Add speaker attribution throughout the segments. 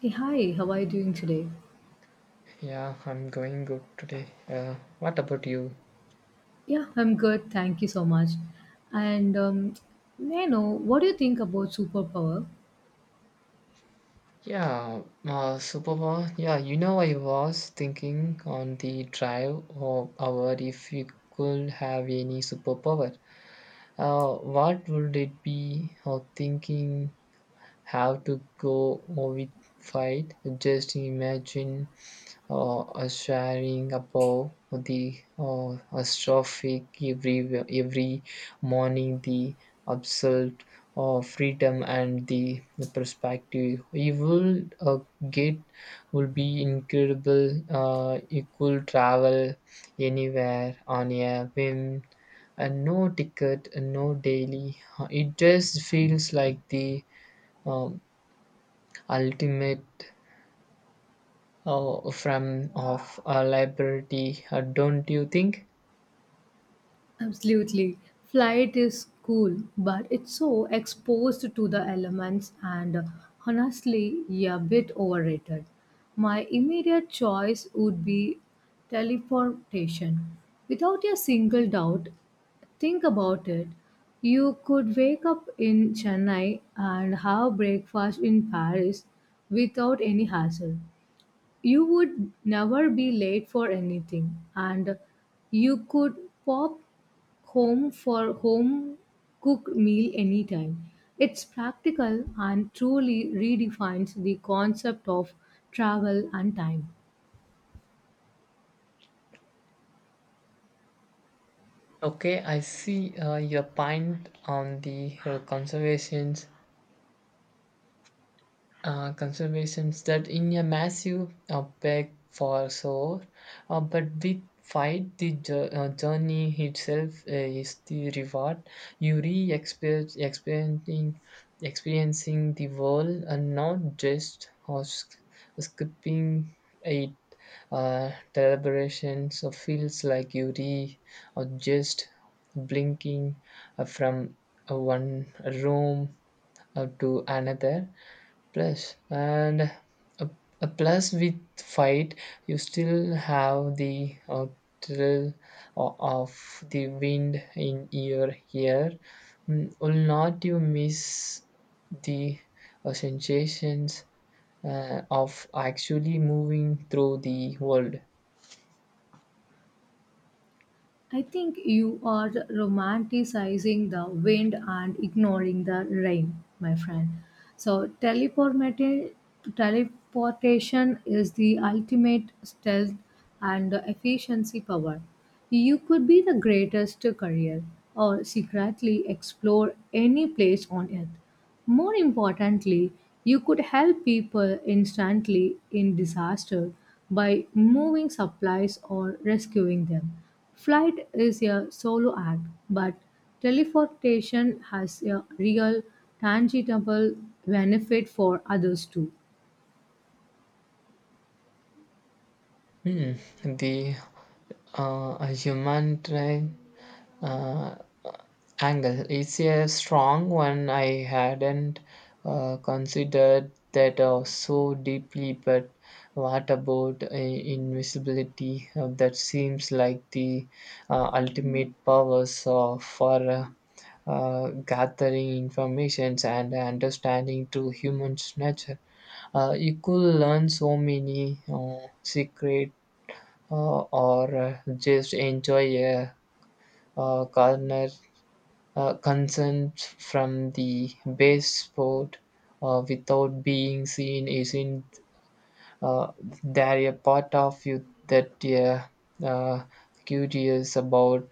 Speaker 1: Hey, hi, how are you doing today?
Speaker 2: Yeah, I'm going good today. What about you?
Speaker 1: Yeah, I'm good. Thank you so much. And May I know what do you think about superpower?
Speaker 2: Yeah, superpower. Yeah, I was thinking on the drive of our if you could have any superpower. What would it be? Or thinking how to go or with fight? Just imagine sharing above the astrophic every morning the absolute freedom and the perspective you will get will be incredible. Uh, you could travel anywhere on a whim and no ticket and no daily. It just feels like the um, ultimate from of liability, don't you think?
Speaker 1: Absolutely. Flight is cool, but it's so exposed to the elements and honestly, yeah, a bit overrated. My immediate choice would be teleportation. Without a single doubt, think about it. You could wake up in Chennai and have breakfast in Paris without any hassle. You would never be late for anything, and you could pop home for home cooked meal anytime. It's practical and truly redefines the concept of travel and time.
Speaker 2: Okay, I see your point on the conservations that in a massive beg for soul, but with fight the journey itself is the reward. You re experiencing the world and not just or skipping it. Deliberation so feels like you re or just blinking from one room to another plus and a, a plus with fight you still have the thrill of the wind in your hair. Will not you miss the sensations of actually moving through the world?
Speaker 1: I think you are romanticizing the wind and ignoring the rain, my friend. So, teleportation is the ultimate stealth and efficiency power. You could be the greatest courier or secretly explore any place on earth. More importantly, you could help people instantly in disaster by moving supplies or rescuing them. Flight is a solo act, but teleportation has a real, tangible benefit for others too.
Speaker 2: Hmm, the a human train uh, angle is a strong one. I hadn't considered that so deeply, but what about invisibility? That seems like the ultimate powers for gathering informations and understanding to humans' nature. You could learn so many secret or just enjoy a corner concerns from the base sport without being seen. Isn't uh, there a part of you that, yeah, uh, curious about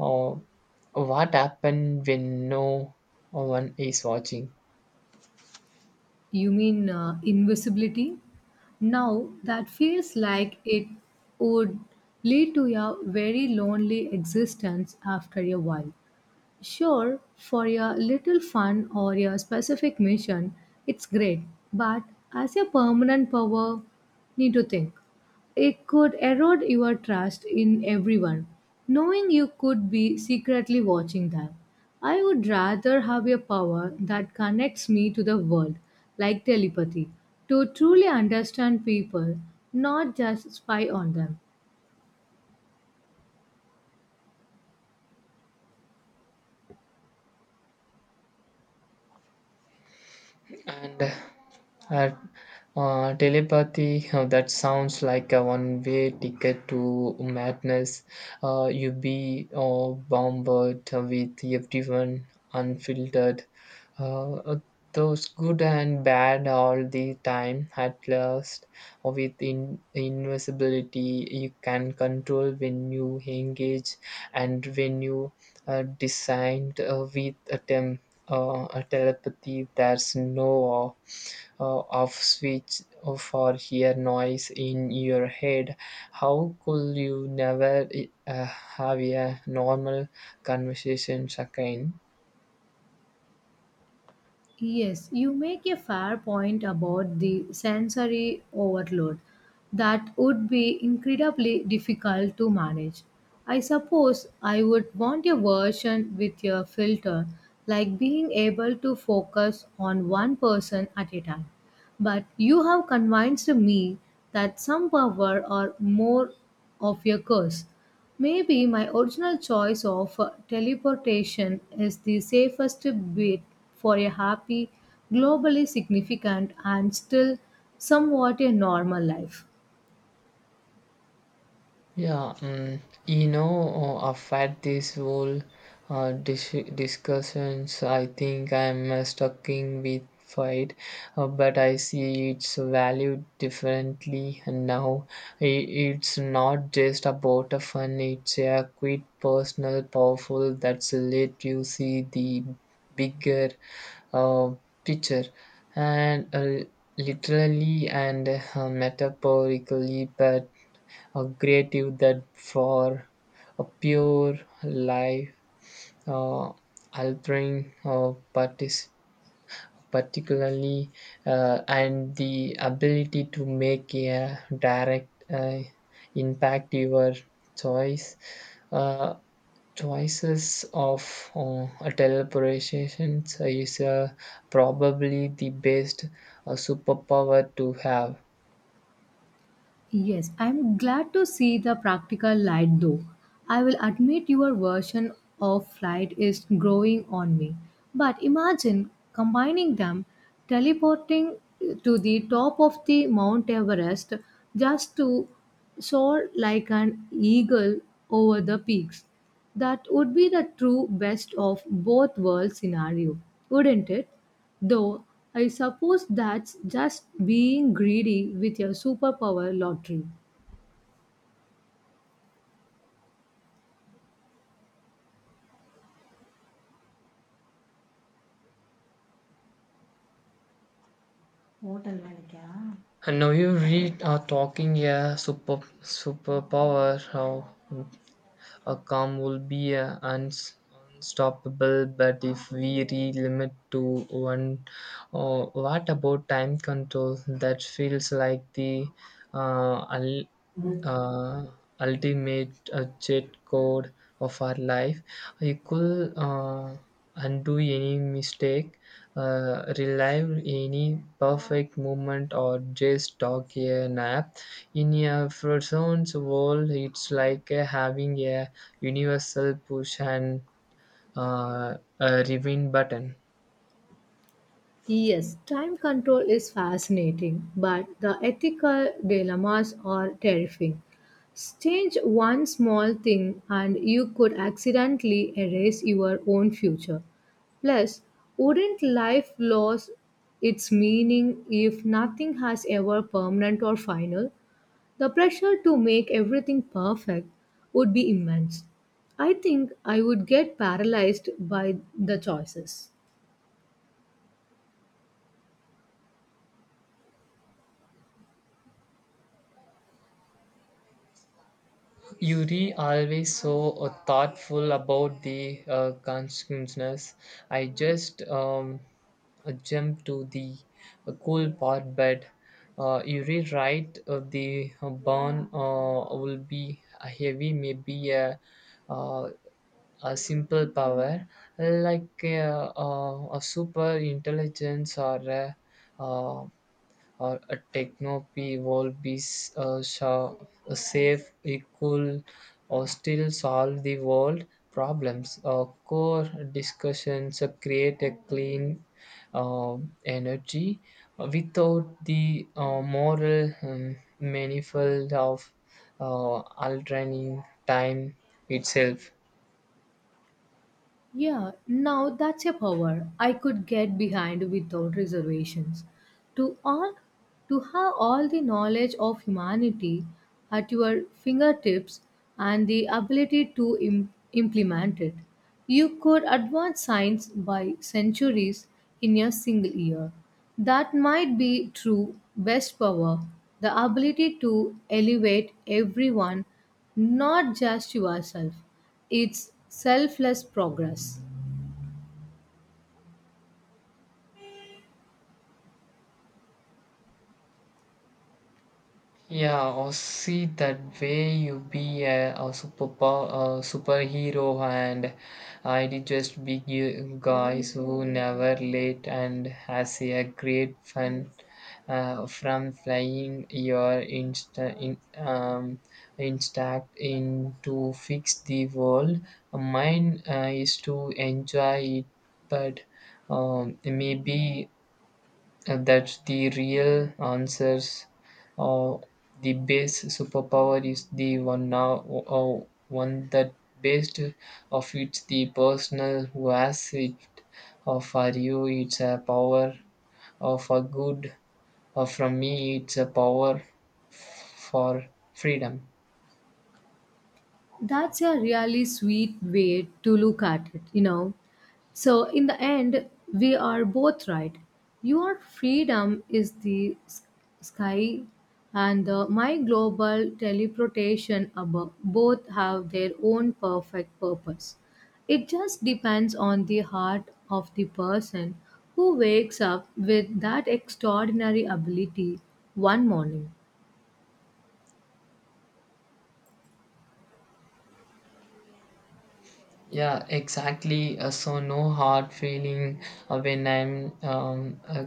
Speaker 2: uh, what happened when no one is watching?
Speaker 1: You mean invisibility? Now that feels like it would lead to a very lonely existence after a while. Sure, for a little fun or a specific mission, it's great, but as a permanent power, need to think. It could erode your trust in everyone, knowing you could be secretly watching them. I would rather have a power that connects me to the world, like telepathy, to truly understand people, not just spy on them.
Speaker 2: And uh, telepathy, that sounds like a one-way ticket to madness. You be bombarded with everyone unfiltered. Uh, those good and bad all the time. At last, with invisibility, you can control when you engage and when you designed with a telepathy. There's no of switch for hear noise in your head. How could you never uh, have a normal conversation again?
Speaker 1: Yes, you make a fair point about the sensory overload. That would be incredibly difficult to manage. I suppose I would want a version with a filter, like being able to focus on one person at a time. But you have convinced me that some power or more of your curse. Maybe my original choice of teleportation is the safest bet for a happy, globally significant, and still somewhat a normal life.
Speaker 2: Yeah, after this whole discussions, I think I'm stuck in with fight, but I see its value differently now. I It's not just about a fun, it's a quite personal, powerful that's let you see the bigger uh, picture and literally and metaphorically, but a creative that for a pure life uh, altering particularly and the ability to make a direct impact your choice uh, choices of teleportation is probably the best superpower to have.
Speaker 1: Yes, I'm glad to see the practical light though. I will admit your version of flight is growing on me. But imagine combining them, teleporting to the top of the Mount Everest just to soar like an eagle over the peaks. That would be the true best of both worlds scenario, wouldn't it? Though I suppose that's just being greedy with your superpower lottery.
Speaker 2: Hotel வேலைக்கா? And now you read are talking a super superpower. How a calm will be a uns, unstoppable, but if we re limit to one, oh, what about time control? That feels like the uh, uh, ultimate cheat code of our life. You could undo any mistake, relive any perfect moment, or just talk a nap. In a person's world, it's like having a universal push and a rewind button.
Speaker 1: Yes, time control is fascinating, but the ethical dilemmas are terrifying. Change one small thing and you could accidentally erase your own future. Plus, wouldn't life lose its meaning if nothing has ever permanent or final? The pressure to make everything perfect would be immense. I think I would get paralyzed by the choices.
Speaker 2: Yuri always so thoughtful about the consequences. I just jump to the cool pot, but you rewrite the burn will be a heavy, maybe uh, a simple power like a super intelligence or uh, or a techno-p will be a a safe, equal, or still solve the world problems. Core discussions create a clean uh, energy without the moral manifold of uh, alternating time itself.
Speaker 1: Yeah, now that's a power I could get behind without reservations. To all to have all the knowledge of humanity at your fingertips and the ability to implement it. You could advance science by centuries in a single year. That might be true best power, the ability to elevate everyone, not just yourself. It's selfless progress.
Speaker 2: Yeah, or see that way you be a superpower, a superhero, and I did just be you guys who never late and has a great fun from flying your instact in to fix the world. Mine is to enjoy it, but maybe and that's the real answers. Or the base superpower is the one now, or one that based of it the personal who has it. For you, it's a power. For good. Or from me, it's a power for freedom.
Speaker 1: That's a really sweet way to look at it, you know. So, in the end, we are both right. Your freedom is the sky, and my global teleportation above both have their own perfect purpose. It just depends on the heart of the person who wakes up with that extraordinary ability one morning.
Speaker 2: Yeah, exactly. So no hard feeling when I'm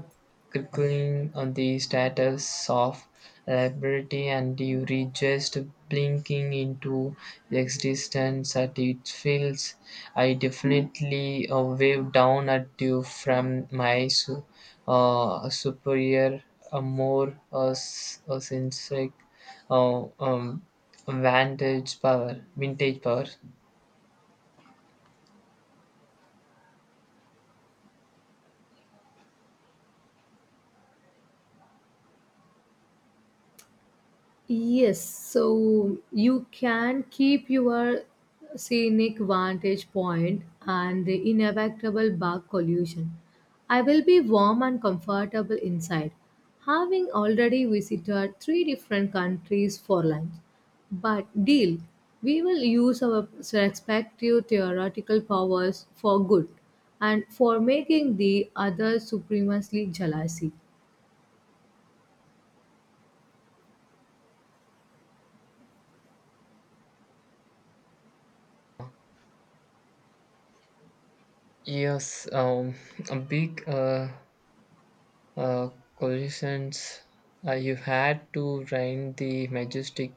Speaker 2: crinkling on the status of liberty and you reach just blinking into existence at it feels. I definitely wave down at you from my superior, more sensitive uh, um, vantage power, vintage power.
Speaker 1: Yes, so you can keep your scenic vantage point and the inevitable bark collusion. I will be warm and comfortable inside, having already visited three different countries for lunch. But deal, we will use our respective theoretical powers for good and for making the other supremacy jealousy.
Speaker 2: Yes, a big uh, collisions. You had to rhyme the majestic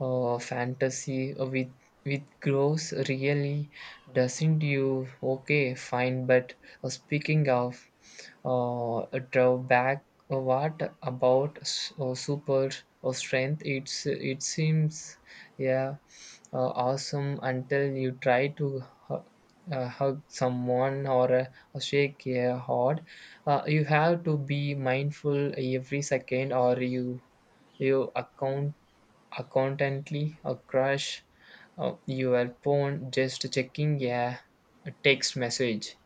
Speaker 2: fantasy with gross really doesn't you. Okay, fine. But speaking of a drawback, what about super or strength? It seems, yeah, awesome until you try to hu- hug someone or shake a hard. You have to be mindful every second, or you accountantly crush your phone just checking a text message.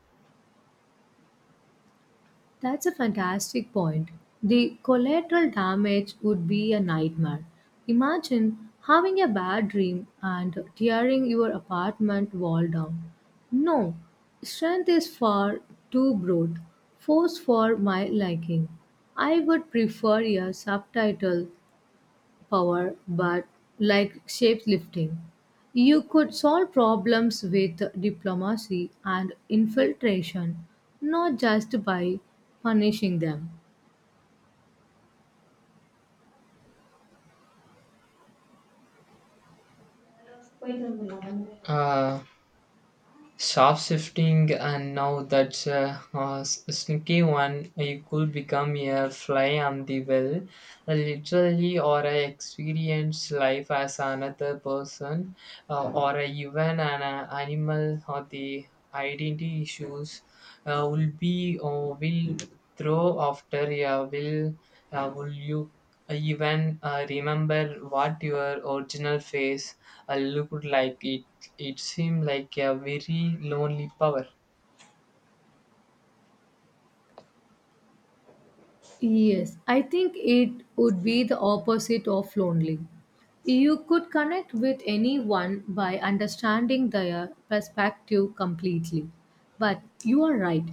Speaker 1: That's a fantastic point. The collateral damage would be a nightmare. Imagine having a bad dream and tearing your apartment wall down. No, strength is far too broad, force for my liking. I would prefer a subtitle power, but like shapeshifting, you could solve problems with diplomacy and infiltration, not just by punishing them.
Speaker 2: Uh, Soft shifting, and now that's a sneaky one. You could become a fly on the wall, literally, or a experience life as another person, or even an animal. Or the identity issues will be or will throw after. Yeah, will you even remember what your original face looked like. It seemed like a very lonely power.
Speaker 1: Yes, I think it would be the opposite of lonely. You could connect with anyone by understanding their perspective completely. But you are right,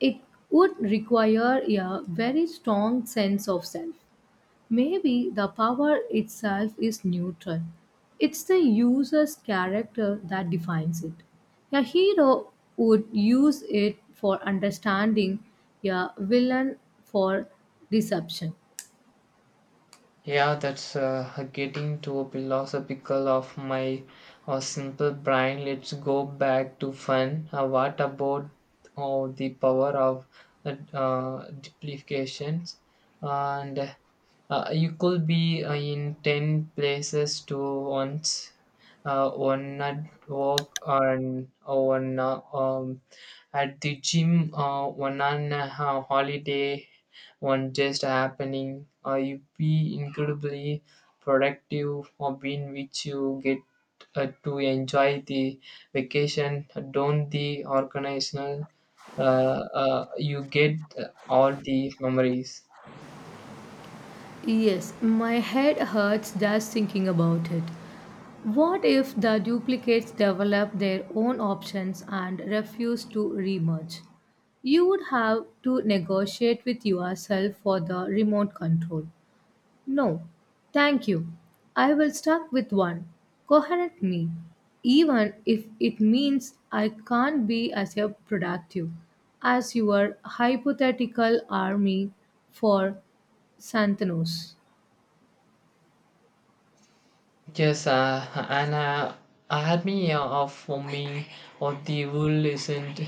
Speaker 1: it would require a very strong sense of self. Maybe the power itself is neutral. It's the user's character that defines it. A hero would use it for understanding, a villain for deception.
Speaker 2: Yeah, that's getting too philosophical of my simple brain. Let's go back to fun. What about, oh, the power of duplications? And you could be in 10 places to once, one at work and one at the gym, one on a holiday, one just happening. You be incredibly productive or being which you get to enjoy the vacation, don't the organizational. Uh, you get all the memories.
Speaker 1: Yes, my head hurts just thinking about it. What if the duplicates develop their own options and refuse to remerge? You would have to negotiate with yourself for the remote control. No, thank you. I will start with one coherent me, even if it means I can't be as a productive as your hypothetical army for Santanos.
Speaker 2: Yes, an army of me, or the wool isn't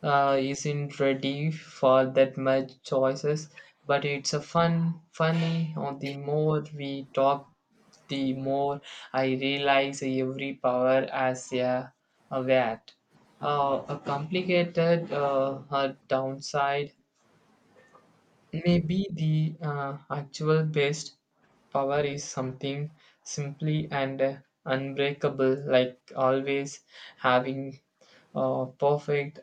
Speaker 2: uh, isn't ready for that much choices, but it's a fun, funny. Or the more we talk, the more I realize every power as a VAT. A complicated downside may be the actual best. Power is something simply and unbreakable, like always having perfect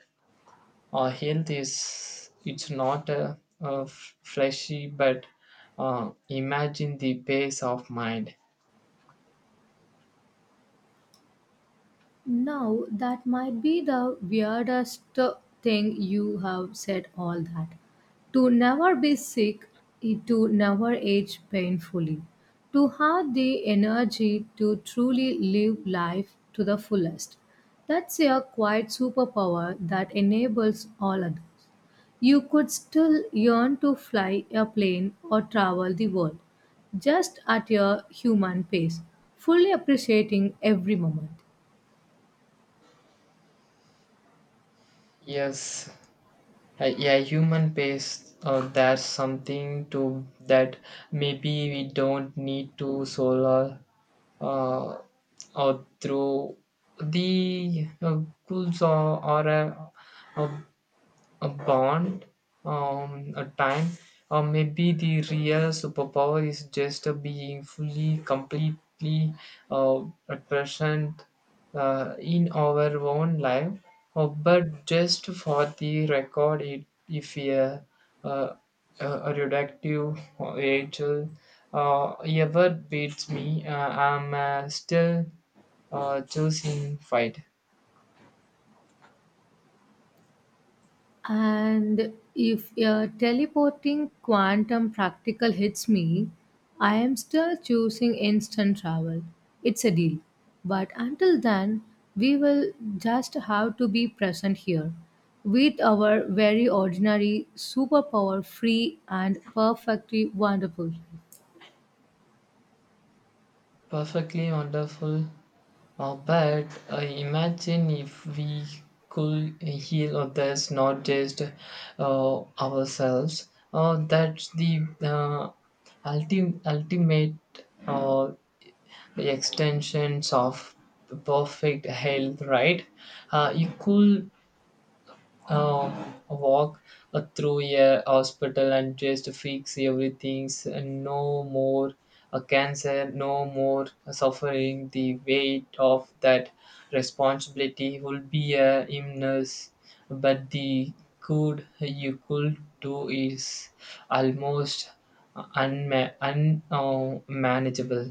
Speaker 2: health is it's not fleshy, but imagine the pace of mind.
Speaker 1: Now, that might be the weirdest thing you have said all that. To never be sick, eh, to never age painfully, to have the energy to truly live life to the fullest. That's a quiet superpower that enables all others. You could still yearn to fly a plane or travel the world, just at your human pace, fully appreciating every moment.
Speaker 2: Yes, a human pace. There's something to that. Maybe we don't need to solar uh, or through the schools or uh, a bond, a time, or maybe the real superpower is just being fully, completely uh, at present in our own life. But just for the record, if uh, a reductive angel ever beats me, I'm still choosing fight.
Speaker 1: And if a teleporting quantum practical hits me, I am still choosing instant travel. It's a deal. But until then, we will just have to be present here with our very ordinary, superpower free, and perfectly wonderful. Life.
Speaker 2: Perfectly wonderful. But imagine if we could heal others, not just ourselves. That's the ultimate uh, extensions of perfect health, right? You could walk through a hospital and just fix everything. No more cancer, no more suffering. The weight of that responsibility will be a immense, but the good you could do is almost unma- un- uh, manageable.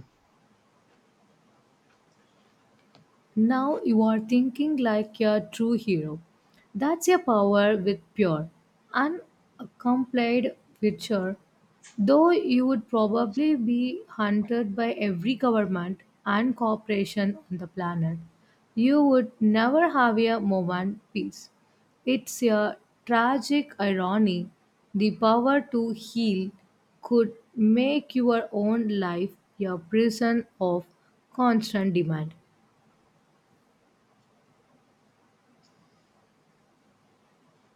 Speaker 1: Now you are thinking like a true hero. That's your power with pure, unaccompanied witcher. Though you would probably be hunted by every government and corporation on the planet, you would never have a moment peace. It's a tragic irony. The power to heal could make your own life a prison of constant demand.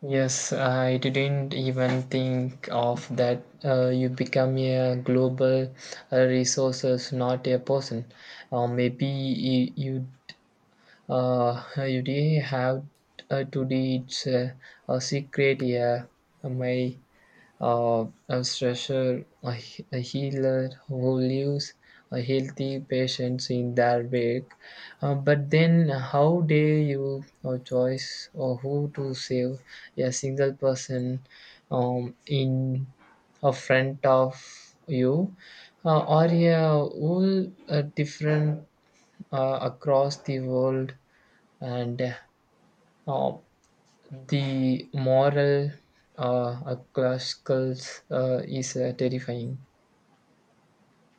Speaker 2: Yes, I didn't even think of that. You become a global resources, not a person. Maybe you did have to teach a secret. Yeah, my a stretcher, a healer who leaves a healthy patients in their wake. But then, how dare you or choice or who to save a single person in a front of you or a all different across the world and uh, the moral a classical is terrifying.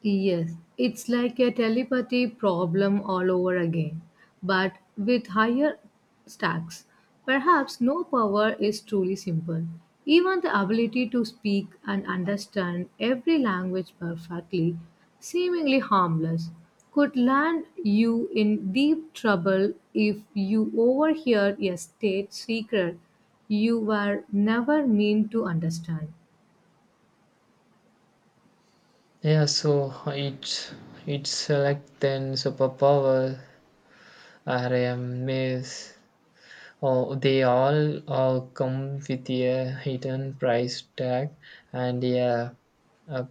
Speaker 1: Yes, it's like a telepathy problem all over again, but with higher stacks. Perhaps no power is truly simple. Even the ability to speak and understand every language perfectly, seemingly harmless, could land you in deep trouble if you overhear a state secret you were never meant to understand.
Speaker 2: Yeah, so it's like then superpower are a maze. Oh, they all come with a hidden price tag and a,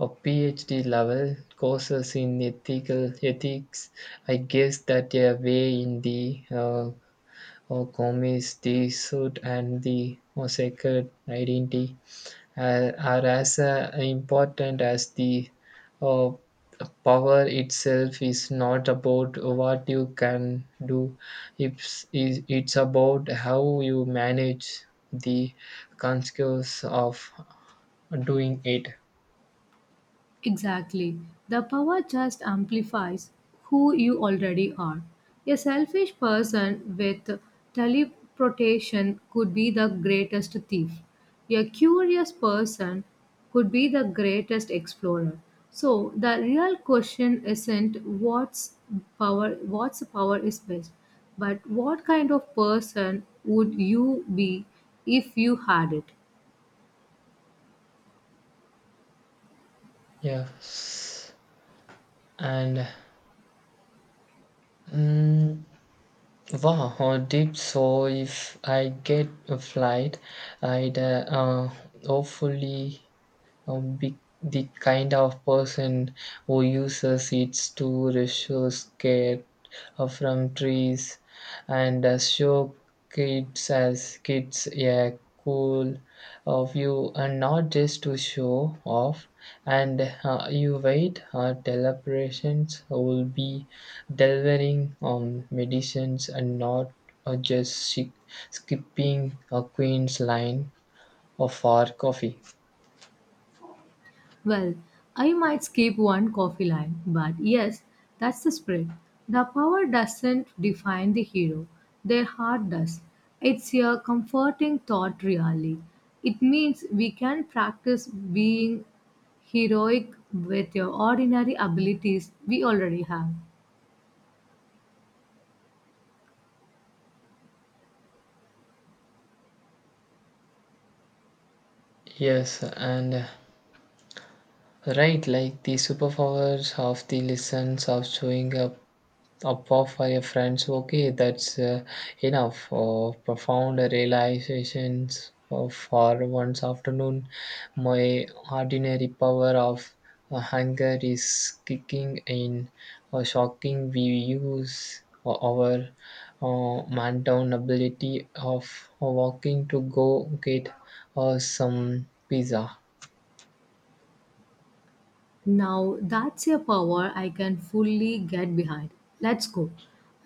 Speaker 2: a PhD level courses in ethical ethics. I guess that a way in the or Gomes, the suit and the sacred identity are as important as the uh, power itself is not about what you can do. It's about how you manage the consequence of doing it.
Speaker 1: Exactly. The power just amplifies who you already are. A selfish person with teleportation could be the greatest thief. A curious person could be the greatest explorer. So the real question isn't what's power is best, but what kind of person would you be if you had it?
Speaker 2: Yes, and mm, wow, deep. So if I get a flight, I'd hopefully be the kind of person who uses it to rescue care from trees and show kids a cool view and not just to show off, and you wait deliberations will be delivering medicines and not just skipping a queen's line of our coffee.
Speaker 1: Well, I might skip one coffee line, but yes, that's the spirit. The power doesn't define the hero, their heart does. It's a comforting thought, really. It means we can practice being heroic with your ordinary abilities we already have.
Speaker 2: Yes, and right, like the superpowers of the lessons of showing up for your friends. Okay, that's enough. Or profound realizations of for one's afternoon. My ordinary power of hunger is kicking in or shocking. We use our man down ability of walking to go get some pizza.
Speaker 1: Now that's a power I can fully get behind. Let's go.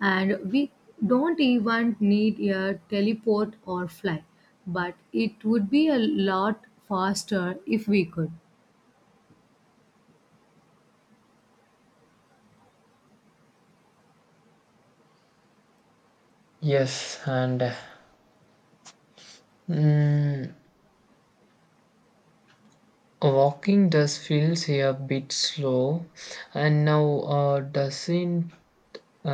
Speaker 1: And we don't even need a teleport or fly, but it would be a lot faster if we could.
Speaker 2: Yes, and Mm, walking does feels a bit slow, and now doesn't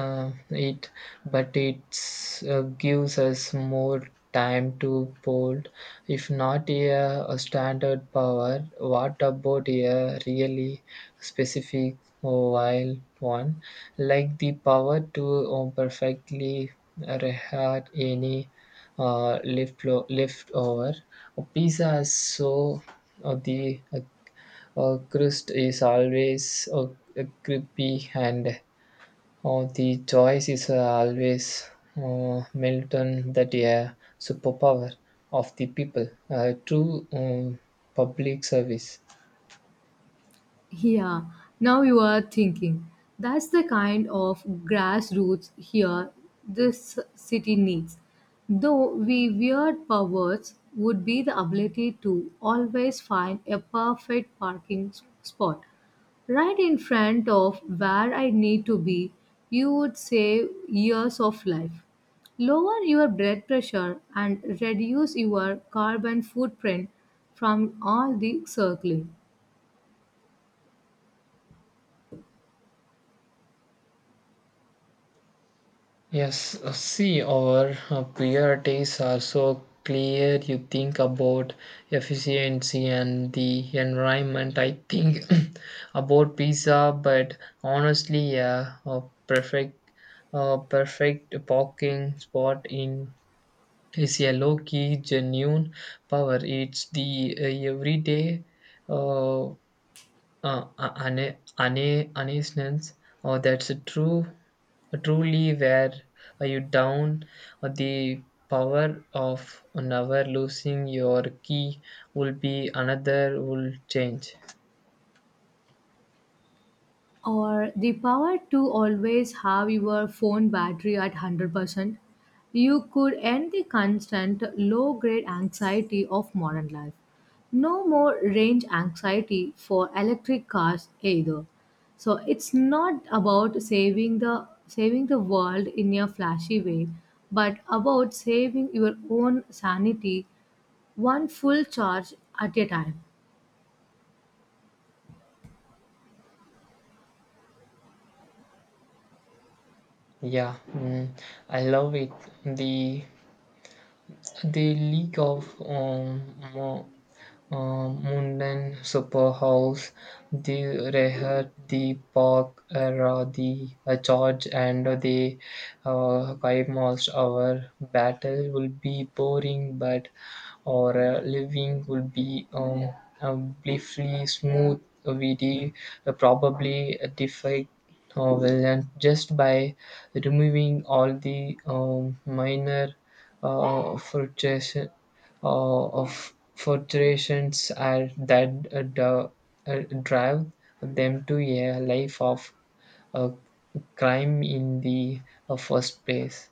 Speaker 2: it but it gives us more time to bold. If not a standard power, what about a really specific or wild one like the power to perfectly reheat any uh, left leftover pizza is so the crust is always crispy and oh, the choice is always Milton that a superpower of the people, true public service.
Speaker 1: Yeah, now you are thinking. That's the kind of grassroots here this city needs. Though we weird powers would be the ability to always find a perfect parking spot. Right in front of where I need to be, you would save years of life. Lower your blood pressure and reduce your carbon footprint from all the circling.
Speaker 2: Yes, see, our priorities are so clear. You think about efficiency and the environment. I think about pizza, but honestly, yeah, perfect, a perfect parking spot in is a low key genuine power. It's the everyday uh, uh, uneasiness. Or that's a true truly where are you down the power of never losing your key will be another will change.
Speaker 1: Or the power to always have your phone battery at 100%, you could end the constant low grade anxiety of modern life. No more range anxiety for electric cars either. So it's not about saving the world in a flashy way, but about saving your own sanity one full charge at a time.
Speaker 2: Yeah, I love it. The the league of Munden Superhouse, the Reher, the Park Era, the Charge, and the Kaimals. Our battle will be boring, but our living will be briefly smooth. We probably defy villain just by removing all the minor frustration of forterations are that drive them to a life of uh, crime in the first place.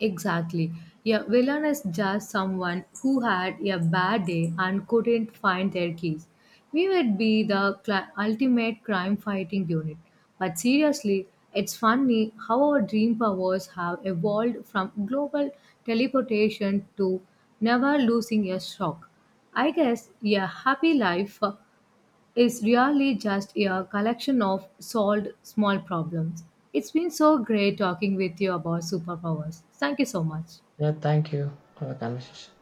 Speaker 1: Exactly. A villain is just someone who had a bad day and couldn't find their keys. We would be the ultimate crime fighting unit. But seriously, it's funny how our dream powers have evolved from global teleportation to never losing a sock. I guess a happy life is really just a collection of solved small problems. It's been so great talking with you about superpowers. Thank you so much.
Speaker 2: Yeah, thank you for the conversation.